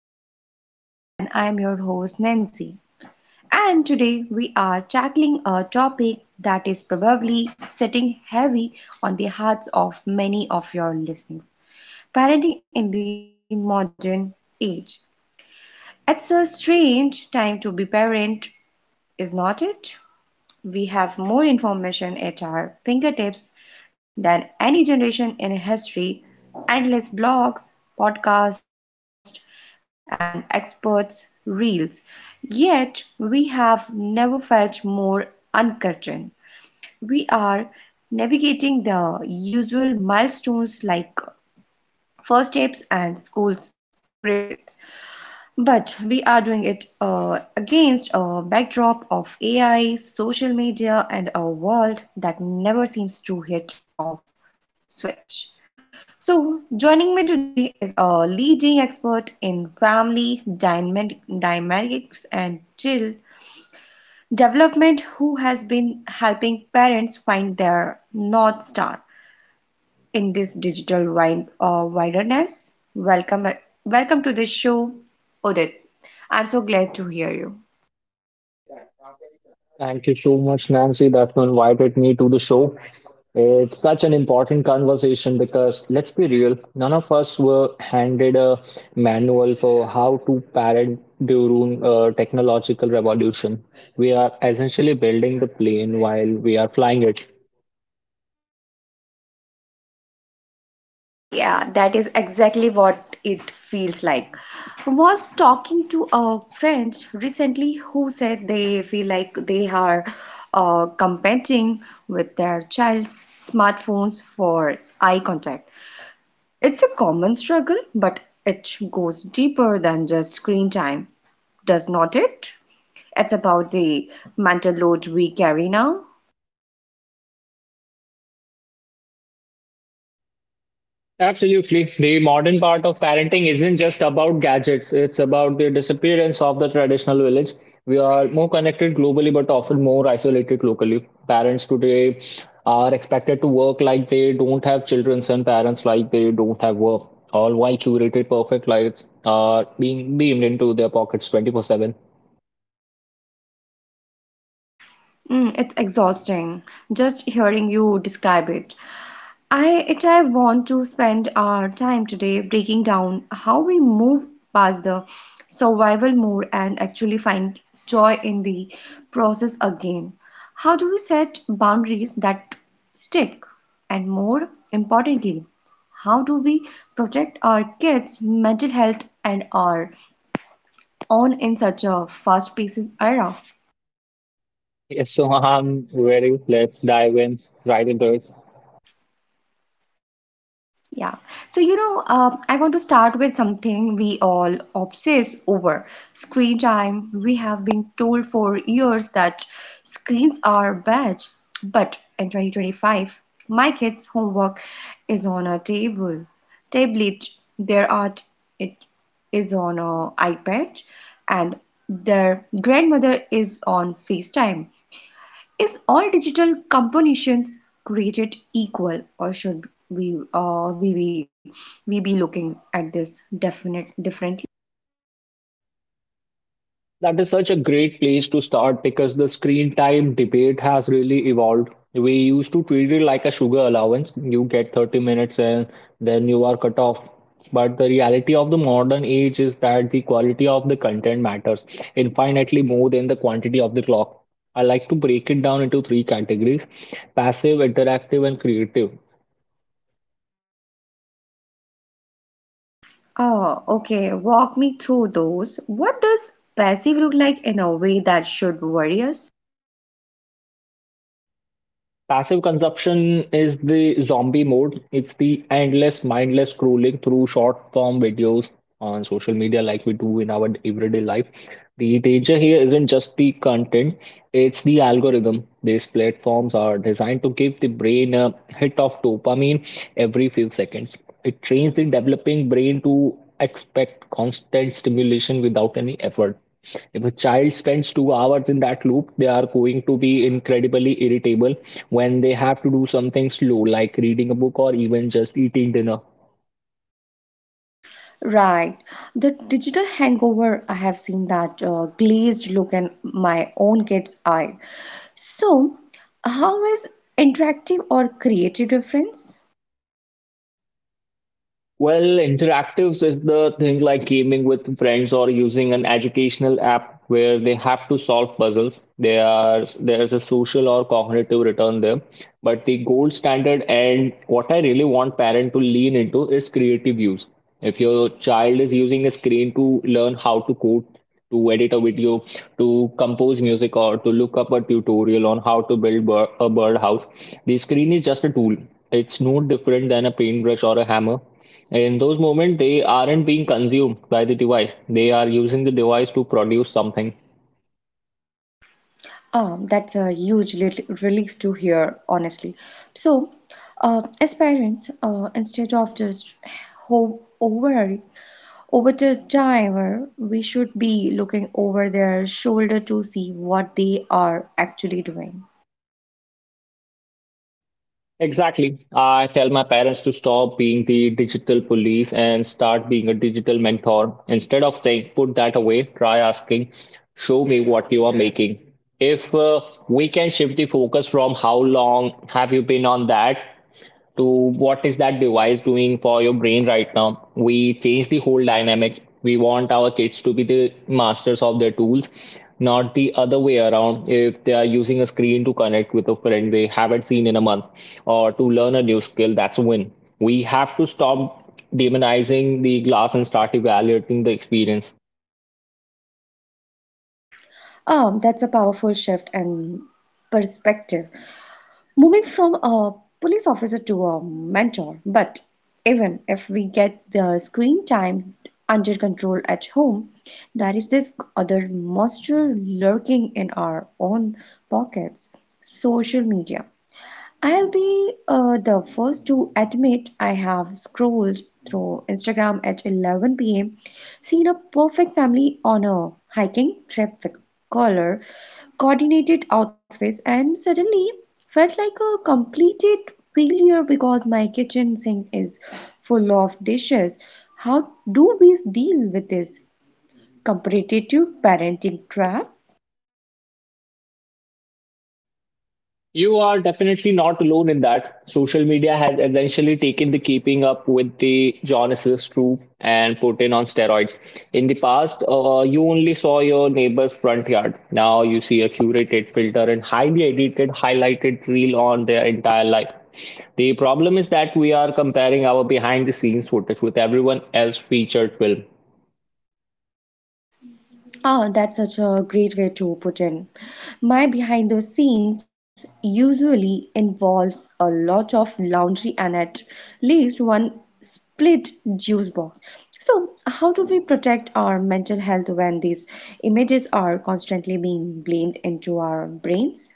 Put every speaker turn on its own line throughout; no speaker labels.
back to the show, and I'm your host Nancy. And today we are tackling a topic that is probably sitting heavy on the hearts of many of your listeners parenting in the modern age. It's a strange time to be parent, is not it? We have more information at our fingertips than any generation in history, endless blogs, podcasts, and experts' reels. Yet we have never felt more uncertain. We are navigating the usual milestones like first steps and school's graded. But we are doing it against a backdrop of AI, social media, and a world that never seems to hit off switch. So, joining me today is a leading expert in dynamics and child development who has been helping parents find their North Star in this digital wilderness. Welcome to this show, Odit. I'm so glad to hear you.
Thank you so much, Nancy, that you invited me to the show. It's such an important conversation because, let's be real, none of us were handed a manual for how to parent during a technological revolution. We are essentially building the plane while we are flying it.
Yeah, that is exactly what it feels like. I Was talking to a friend recently who said they feel like they are competing with their child's smartphones for eye contact. It's a common struggle, but it goes deeper than just screen time, does not it? It's about the mental load we carry now.
Absolutely. The modern part of parenting isn't just about gadgets, it's about the disappearance of the traditional village. We are more connected globally, but often more isolated locally. Parents today are expected to work like they don't have children, and parents like they don't have work. All while curated perfect lives are being beamed into their pockets 24/7.
Mm, it's exhausting just hearing you describe it. I want to spend our time today breaking down how we move past the survival mode and actually find joy in the process again. How do we set boundaries that stick? And more importantly, how do we protect our kids' mental health and our own in such a fast-paced era?
Yes, so very let's dive in right into it.
Yeah. So, you know, I want to start with something we all obsess over screen time. We have been told for years that screens are bad. But in 2025, my kids' homework is on a tablet, their art it is on a iPad, and their grandmother is on FaceTime. Is all digital compositions created equal, or should we we be looking at this definite different?
That is such a great place to start because the screen time debate has really evolved. We used to treat it like a sugar allowance. You get 30 minutes and then you are cut off. But the reality of the modern age is that the quality of the content matters infinitely more than the quantity of the clock. I like to break it down into three categories: passive, interactive, and creative.
Oh, okay. Walk me through those. What does passive look like in a way that should worry us?
Passive consumption is the zombie mode. It's the endless, mindless scrolling through short form videos on social media like we do in our everyday life. The danger here isn't just the content, it's the algorithm. These platforms are designed to give the brain a hit of dopamine every few seconds. It trains the developing brain to expect constant stimulation without any effort. If a child spends 2 hours in that loop, they are going to be incredibly irritable when they have to do something slow, like reading a book or even just eating dinner.
Right. The digital hangover, I have seen that glazed look in my own kid's eye. So, how is interactive or creative difference?
Well, interactives is the thing like gaming with friends or using an educational app where they have to solve puzzles. They are, there's a social or cognitive return there. But the gold standard and what I really want parent to lean into is creative use. If your child is using a screen to learn how to code, to edit a video, to compose music, or to look up a tutorial on how to build a birdhouse, the screen is just a tool. It's no different than a paintbrush or a hammer. In those moments, they aren't being consumed by the device. They are using the device to produce something.
That's a huge relief to hear, honestly. So, as parents, instead of just hope over the driver, we should be looking over their shoulder to see what they are actually doing.
Exactly. I tell my parents to stop being the digital police and start being a digital mentor. Instead of saying, put that away, try asking, show me what you are making. If we can shift the focus from how long have you been on that to what is that device doing for your brain right now, we change the whole dynamic. We want our kids to be the masters of their tools, not the other way around. If they are using a screen to connect with a friend they haven't seen in a month or to learn a new skill, that's a win. We have to stop demonizing the glass and start evaluating the experience.
That's a powerful shift and perspective. Moving from a police officer to a mentor, but even if we get the screen time under control at home, there is this other monster lurking in our own pockets social media. I'll be the first to admit I have scrolled through Instagram at 11 p.m., seen a perfect family on a hiking trip with color, coordinated outfits, and suddenly felt like a completed failure because my kitchen sink is full of dishes. How do we deal with this competitive parenting trap?
You are definitely not alone in that. Social media has essentially taken the keeping up with the Jonas' troop and put in on steroids. In the past, you only saw your neighbor's front yard. Now you see a curated filter and highly edited, highlighted reel on their entire life. The problem is that we are comparing our behind the scenes footage with everyone else's featured film.
Oh, that's such a great way to put in. My behind the scenes usually involves a lot of laundry and at least one split juice box. So, how do we protect our mental health when these images are constantly being blamed into our brains?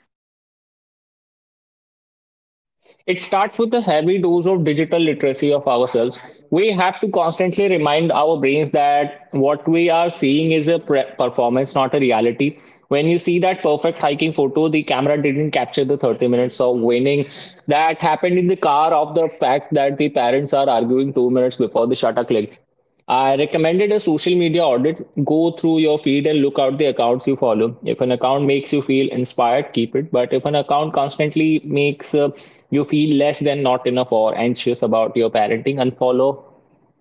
It starts with a heavy dose of digital literacy of ourselves. We have to constantly remind our brains that what we are seeing is a performance, not a reality. When you see that perfect hiking photo, the camera didn't capture the 30 minutes of winning that happened in the car, of the fact that the parents are arguing 2 minutes before the shutter clicked. I recommended a social media audit. Go through your feed and look out the accounts you follow. If an account makes you feel inspired, keep it. But if an account constantly makes you feel less than, not enough, or anxious about your parenting, unfollow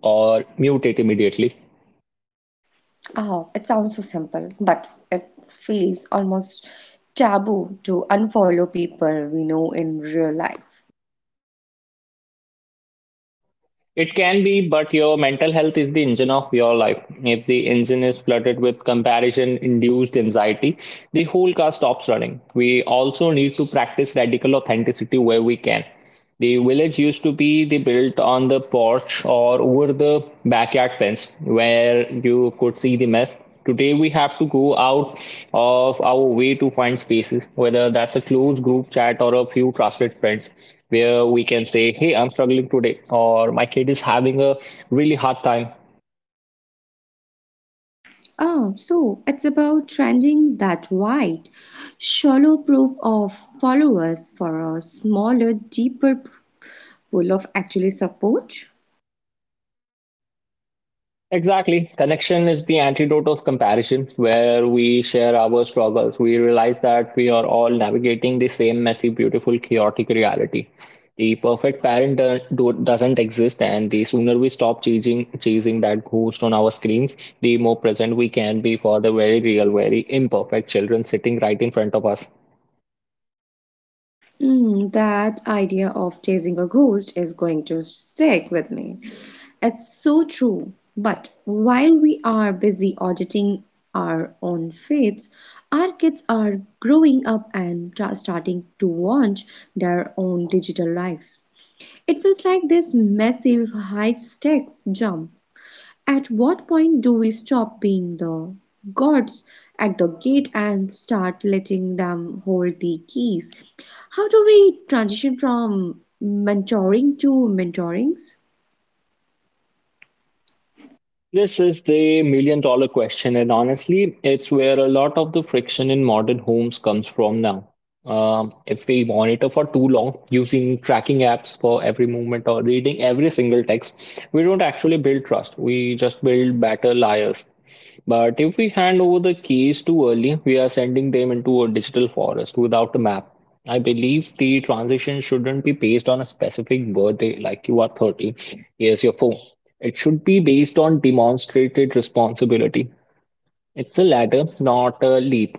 or mute it immediately.
Oh, it sounds so simple, but it feels almost taboo to unfollow people we know in real life.
It can be, but your mental health is the engine of your life. If the engine is flooded with comparison induced anxiety, the whole car stops running. We also need to practice radical authenticity where we can. The village used to be the built on the porch or over the backyard fence where you could see the mess. Today we have to go out of our way to find spaces, whether that's a close group chat or a few trusted friends where we can say, "Hey, I'm struggling today," or "my kid is having a really hard time."
Oh, so it's about trending that wide, shallow proof of followers for a smaller, deeper pool of actually support.
Exactly. Connection is the antidote of comparison. Where we share our struggles, we realize that we are all navigating the same messy, beautiful, chaotic reality. The perfect parent doesn't exist, and the sooner we stop chasing that ghost on our screens, the more present we can be for the very real, very imperfect children sitting right in front of us.
Mm, that idea of chasing a ghost is going to stick with me. It's so true. But while we are busy auditing our own faiths, our kids are growing up and starting to want their own digital lives. It feels like this massive high stakes jump. At what point do we stop being the gods at the gate and start letting them hold the keys? How do we transition from mentoring to mentorings?
This is the million dollar question, and honestly, it's where a lot of the friction in modern homes comes from now. If we monitor for too long, using tracking apps for every movement or reading every single text, we don't actually build trust. We just build better liars. But if we hand over the keys too early, we are sending them into a digital forest without a map. I believe the transition shouldn't be based on a specific birthday, like, you are 30, here's your phone. It should be based on demonstrated responsibility. It's a ladder, not a leap.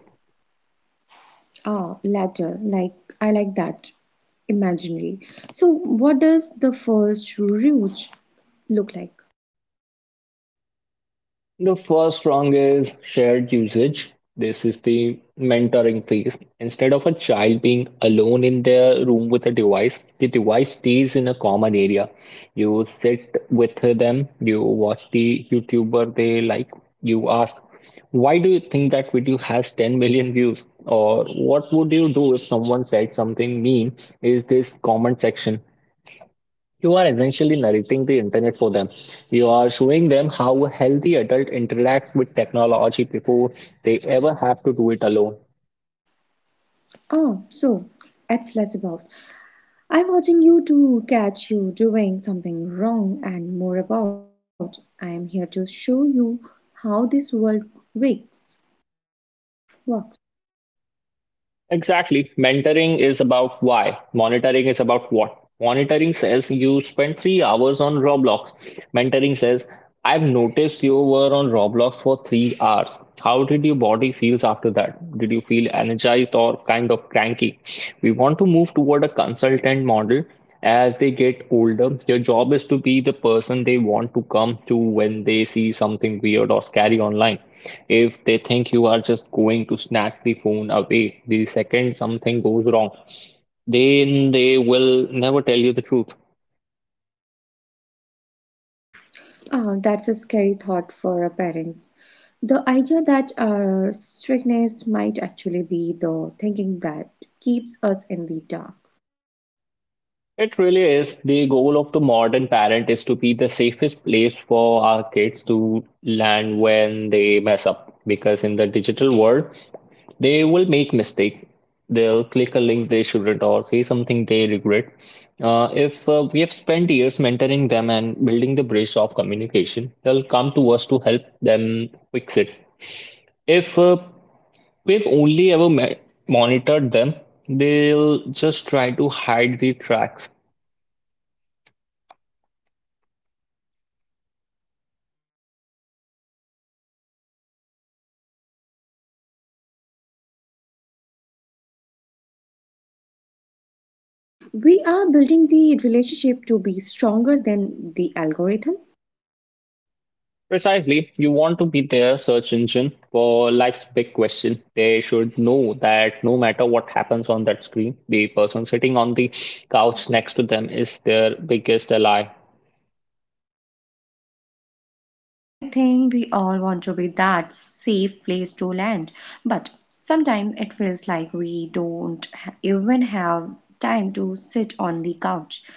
Ah, latter. Like I like that imaginary. So, what does the first route look like?
The first wrong is shared usage. This is the mentoring phase. Instead of a child being alone in their room with a device, the device stays in a common area. You sit with them, you watch the YouTuber they like, you ask, why do you think that video has 10 million views? Or, what would you do if someone said something mean is this comment section? You are essentially narrating the internet for them. You are showing them how a healthy adult interacts with technology before they ever have to do it alone.
Ah, so it's less about I'm watching you to catch you doing something wrong and more about. I'm here to show you how this world works.
Exactly. Mentoring is about why. Monitoring is about what. Monitoring says, you spent 3 hours on Roblox. Mentoring says, I've noticed you were on Roblox for 3 hours. How did your body feels after that? Did you feel energized or kind of cranky? We want to move toward a consultant model. As they get older, your job is to be the person they want to come to when they see something weird or scary online. If they think you are just going to snatch the phone away the second something goes wrong, then they will never tell you the truth.
Ah, that's a scary thought for a parent. The idea that our strictness might actually be the thinking that keeps us in the dark.
It really is. The goal of the modern parent is to be the safest place for our kids to land when they mess up. Because in the digital world, they will make mistake, they'll click a link they shouldn't, or say something they regret. If we have spent years mentoring them and building the bridge of communication, they'll come to us to help them fix it. If we've only ever monitored them, they'll just try to hide the tracks.
So, we are building the relationship to be stronger than the algorithm.
Precisely. You want to be their search engine for life's big question. They should know that no matter what happens on that screen, the person sitting on the couch next to them is their biggest ally.
I think we all want to be that safe place to land, but sometimes it feels like we don't even have time to sit on the couch.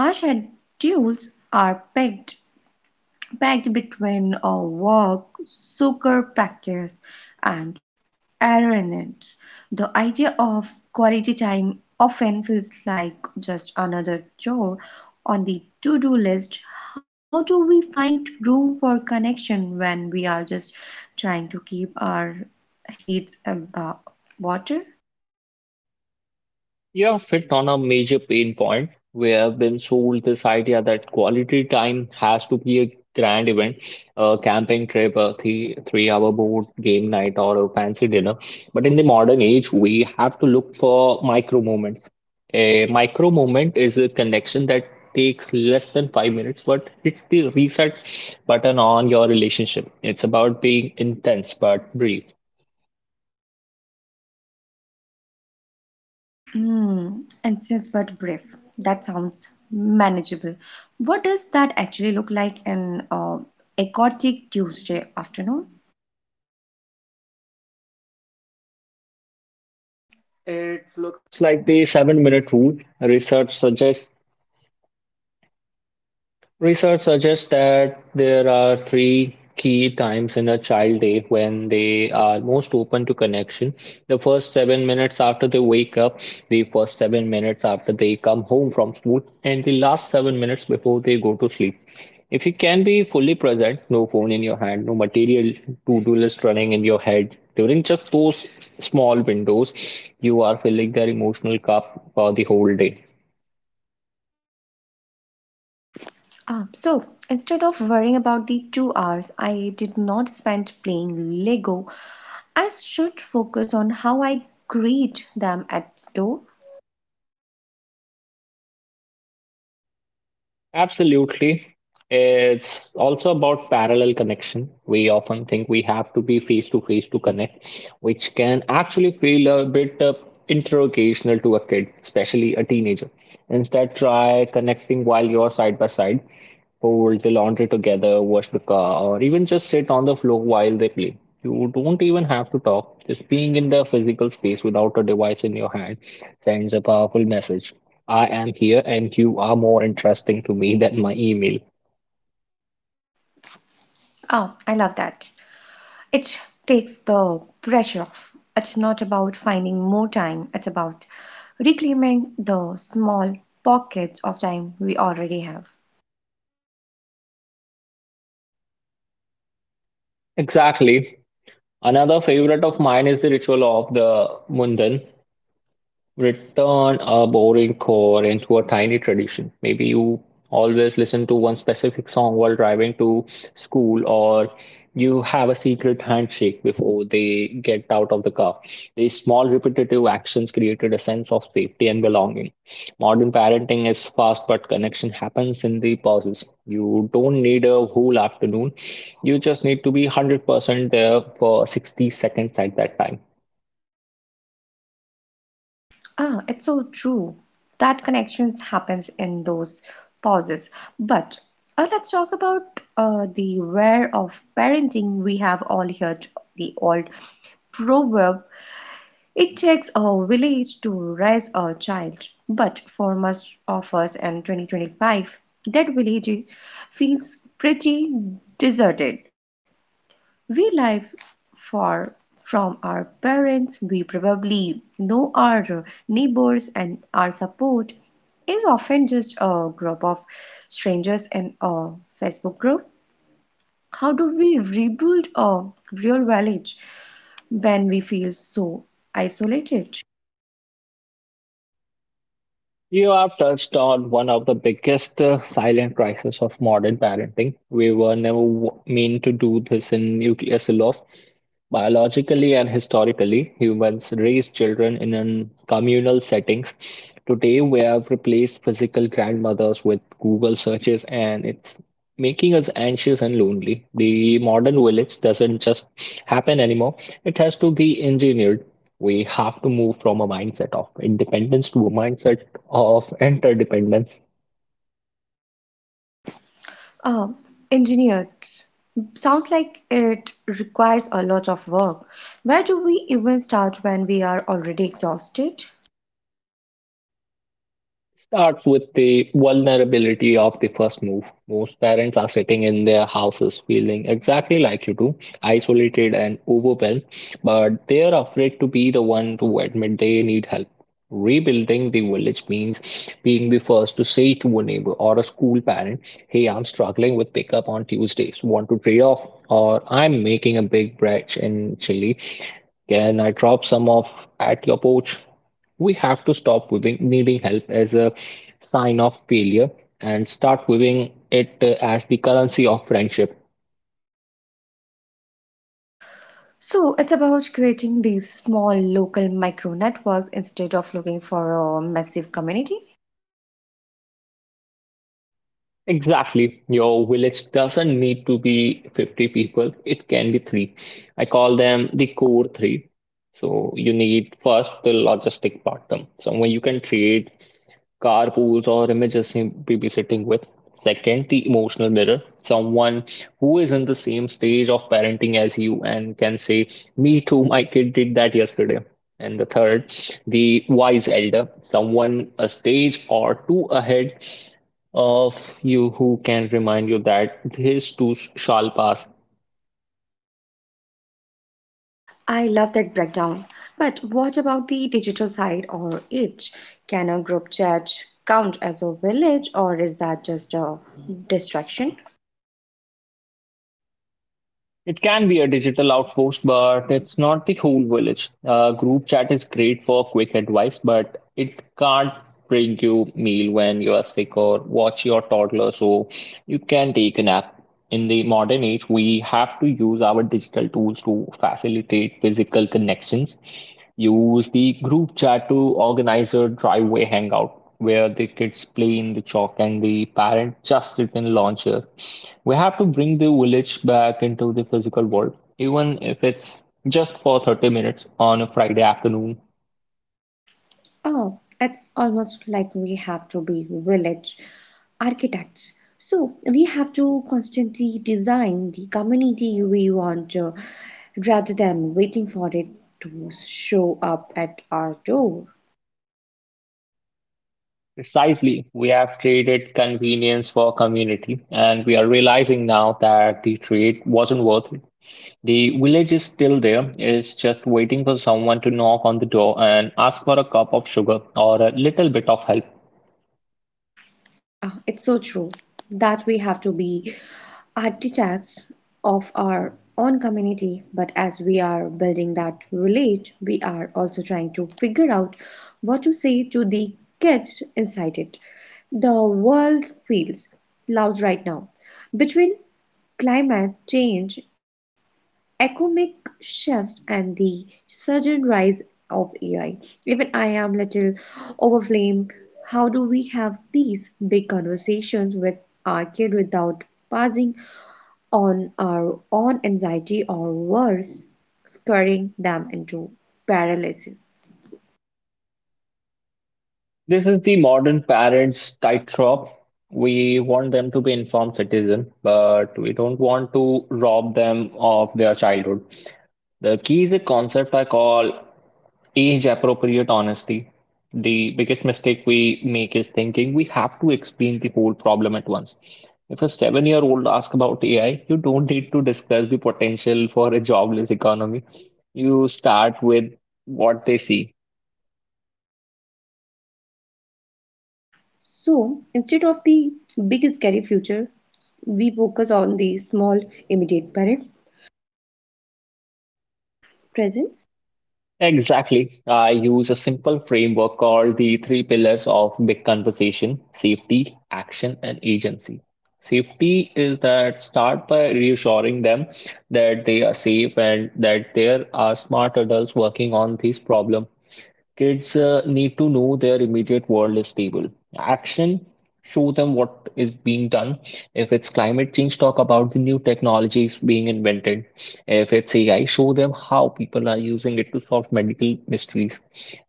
Our schedules are packed between a work, soccer practice, and errands. The idea of quality time often feels like just another chore on the to do list. How do we find room for connection when we are just trying to keep our heads above water?
You have hit on a major pain point. We have been sold this idea that quality time has to be a grand event, a camping trip, a three hour board game night, or a fancy dinner. But in the modern age, we have to look for micro moments. A micro moment is a connection that takes less than 5 minutes, but it's the reset button on your relationship. It's about being intense but brief.
Hmm, intense but brief. That sounds manageable. What does that actually look like in a chaotic Tuesday afternoon?
Research suggests that there are three key times in a child day when they are most open to connection. The first 7 minutes after they wake up, the first 7 minutes after they come home from school, and the last 7 minutes before they go to sleep. If you can be fully present, no phone in your hand, no material to do list running in your head, during just those small windows, you are filling their emotional cup for the whole day.
Ah, so instead of worrying about the 2 hours I did not spend playing Lego, I should focus on how I greet them at the door.
Absolutely. It's also about parallel connection. We often think we have to be face to face to connect, which can actually feel a bit interrogational to a kid, especially a teenager. Instead, try connecting while you're side by side. Fold the laundry together, wash the car, or even just sit on the floor while they play. You don't even have to talk. Just being in the physical space without a device in your hand sends a powerful message. I am here and you are more interesting to me than my email.
Oh, I love that. It takes the pressure off. It's not about finding more time, it's about reclaiming the small pockets of time we already have.
Exactly. Another favorite of mine is the ritual of the Mundan. Return a boring core into a tiny tradition. Maybe you always listen to one specific song while driving to school, or you have a secret handshake before they get out of the car. These small repetitive actions created a sense of safety and belonging. Modern parenting is fast, but connection happens in the pauses. You don't need a whole afternoon. You just need to be 100% there for 60 seconds at that time.
Ah, it's so true. That connections happens in those pauses. But let's talk about the where of parenting. We have all heard the old proverb It takes a village to raise a child, but for most of us in 2025, that village feels pretty deserted. We live far from our parents, we probably know our neighbors, and our support is often just a group of strangers in a Facebook group. How do we rebuild a real village when we feel so isolated?
You have touched on one of the biggest silent crises of modern parenting. We were never meant to do this in nuclear silos. Biologically and historically, humans raised children in an communal settings. Today, we have replaced physical grandmothers with Google searches, and it's making us anxious and lonely. The modern village doesn't just happen anymore, it has to be engineered. We have to move from a mindset of independence to a mindset of interdependence
Um, engineered. Sounds like it requires a lot of work. Where do we even start when we are already exhausted?
starts with the vulnerability of the first move. Most parents are sitting in their houses feeling exactly like you do, isolated and overwhelmed, but they are afraid to be the one to admit they need help. Rebuilding the village means being the first to say to a neighbor or a school parent, hey, I'm struggling with pickup on Tuesdays. Want to trade off? Or I'm making a big batch in chili. Can I drop some off at your porch? We have to stop viewing needing help as a sign of failure and start viewing it as the currency of friendship.
So it's about creating these small local micro networks instead of looking for a massive community.
Exactly. Your village doesn't need to be 50 people, it can be three. I call them the core three. So you need first the logistic partner, someone you can trade car pools or images he be sitting with. Second, the emotional mirror, someone who is in the same stage of parenting as you and can say, me too, my kid did that yesterday. And the third, the wise elder, someone a stage or two ahead of you who can remind you that this too shall pass.
I love that breakdown. But what about the digital side or it? Can a group chat count as a village or is that just a distraction?
It can be a digital outpost, but it's not the whole village. Group chat is great for quick advice, but it can't bring you meal when you are sick or watch your toddler so you can take a nap. In the modern age, we have to use our digital tools to facilitate physical connections. Use the group chat to organize a driveway hangout where the kids play in the chalk and the parent just sit in lawn chair. We have to bring the village back into the physical world, even if it's just for 30 minutes on a Friday afternoon.
Oh, it's almost like we have to be village architects. So we have to constantly design the community we want rather than waiting for it to show up at our door.
Precisely, we have traded convenience for community, and we are realizing now that the trade wasn't worth it. The village is still there, it's just waiting for someone to knock on the door and ask for a cup of sugar or a little bit of help.
Ah, it's so true that we have to be architects of our own community, but as we are building that village, we are also trying to figure out what to say to the kids inside it. The world feels loud right now between climate change economic shifts and the sudden rise of AI. Even I am little overwhelmed. How do we have these big conversations with our kid without passing on our own anxiety or worse, scaring them into paralysis?
This is the modern parents' tightrope. We want them to be informed citizens, but we don't want to rob them of their childhood. The key is a concept I call age appropriate honesty. The biggest mistake we make is thinking we have to explain the whole problem at once. If a 7 year old asks about AI, you don't need to discuss the potential for a jobless economy. You start with what they see.
So instead of the big scary future, we focus on the small immediate present. Presence
Exactly. I use a simple framework called the three pillars of big conversation safety, action, and agency. Safety is that start by reassuring them that they are safe and that there are smart adults working on this problem. Kids need to know their immediate world is stable. Action, show them what is being done. If it's climate change, talk about the new technologies being invented. If it's AI, show them how people are using it to solve medical mysteries.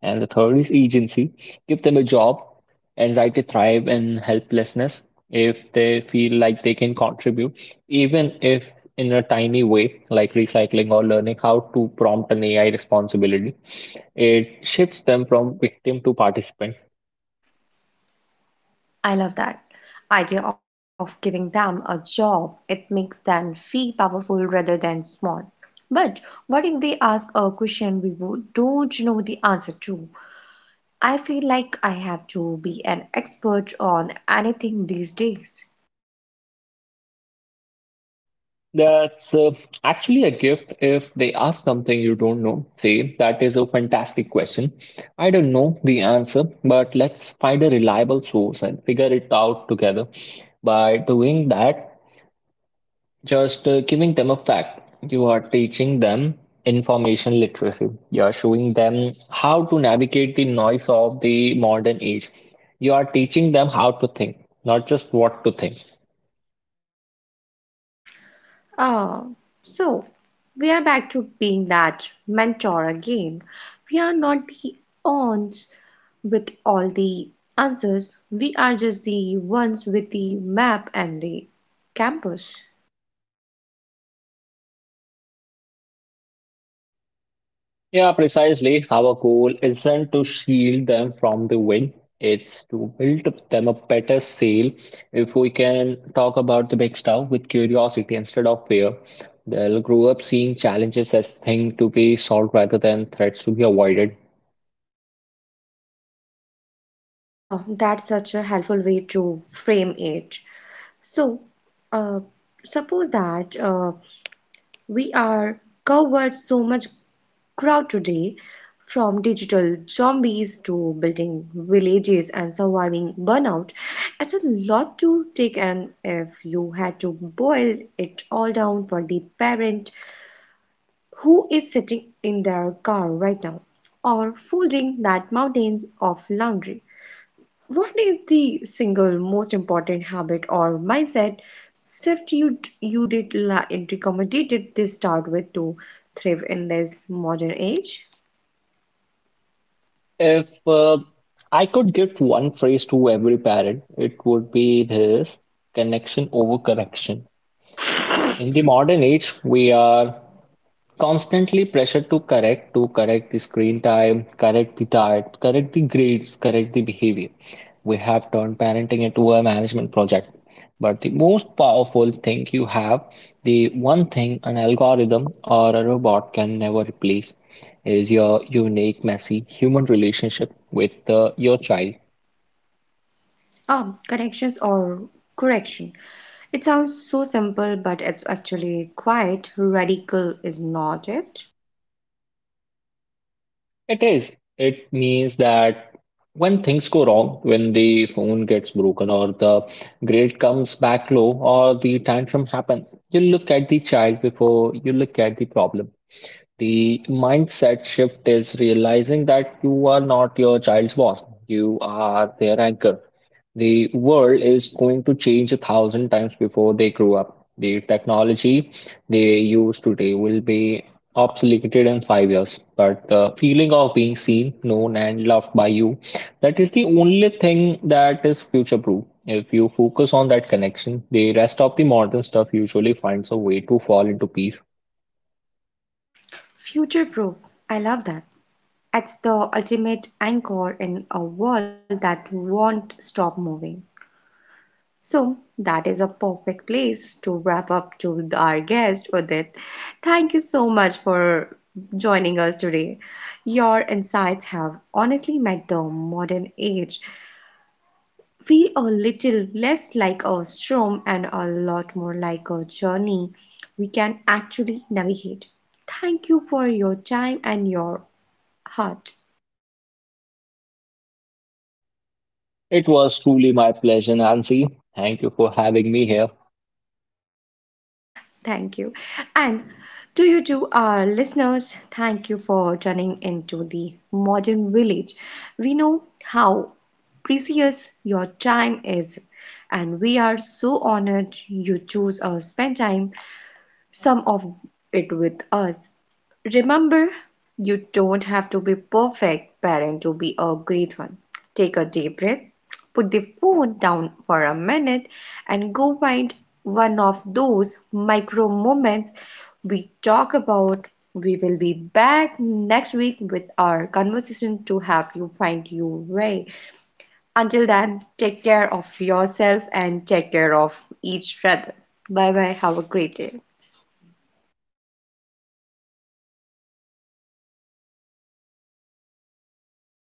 And the third is agency. Give them a job. Anxiety thrive in helplessness if they feel like they can contribute, even if in a tiny way, like recycling or learning how to prompt an AI responsibility. It shifts them from victim to participant.
I love that idea of giving them a job. It makes them feel powerful rather than small. But what if they ask a question we don't know the answer to? I feel like I have to be an expert on anything these days.
That's Actually a gift if they ask something you don't know. Say, that is a fantastic question. I don't know the answer, but let's find a reliable source and figure it out together. By doing that, just giving them a fact, you are teaching them information literacy. You are showing them how to navigate the noise of the modern age. You are teaching them how to think, not just what to think.
Oh, so we are back to being that mentor again. We are not the ons with all the answers. We are just the ones with the map and the campus.
Yeah, precisely. Our goal isn't to shield them from the wind, it's to build them a better sail. If we can talk about the big stuff with curiosity instead of fear, they'll grow up seeing challenges as things to be solved rather than threats to be avoided.
Oh, that's such a helpful way to frame it. So, uh, suppose that we are covered so much ground today, from digital zombies to building villages and surviving burnout. It's a lot to take and if you had to boil it all down for the parent who is sitting in their car right now or folding that mountains of laundry. What is the single most important habit or mindset shift you recommended to start with to thrive in this modern age?
If I could give one phrase to every parent, it would be this connection over correction. In the modern age, we are constantly pressure to correct the screen time correct the diet correct the grades correct the behavior we have turned parenting into a management project but the most powerful thing you have the one thing an algorithm or a robot can never replace is your unique messy human relationship with your child.
Connections or correction. It sounds so simple, but it's actually quite radical, is not it?
It is. It means that when things go wrong, when the phone gets broken, or the grade comes back low, or the tantrum happens, you look at the child before you look at the problem. The mindset shift is realizing that you are not your child's boss, you are their anchor. The world is going to change a thousand times before they grow up. The technology they use today will be obsoleted in 5 years, but the feeling of being seen, known, and loved by you, that is the only thing that is future-proof. If you focus on that connection, the rest of the modern stuff usually finds a way to fall into peace.
Future proof. I love that. It's the ultimate anchor in a world that won't stop moving. So that is a perfect place to wrap up to our guest, Udit. Thank you so much for joining us today. Your insights have honestly made the modern age feel a little less like a storm and a lot more like a journey we can actually navigate. Thank you for your time and your heart.
It was truly my pleasure, Nancy. Thank you for having me here.
Thank you. And to you, to our listeners, thank you for tuning into the modern village. We know how precious your time is, and we are so honored you choose or spend time some of it with us. Remember, you don't have to be perfect parent to be a great one. Take a deep breath, put the phone down for a minute and go find one of those micro moments we talk about. We will be back next week with our conversation to help you find your way. Until then, take care of yourself and take care of each other. Bye bye. Have a great day.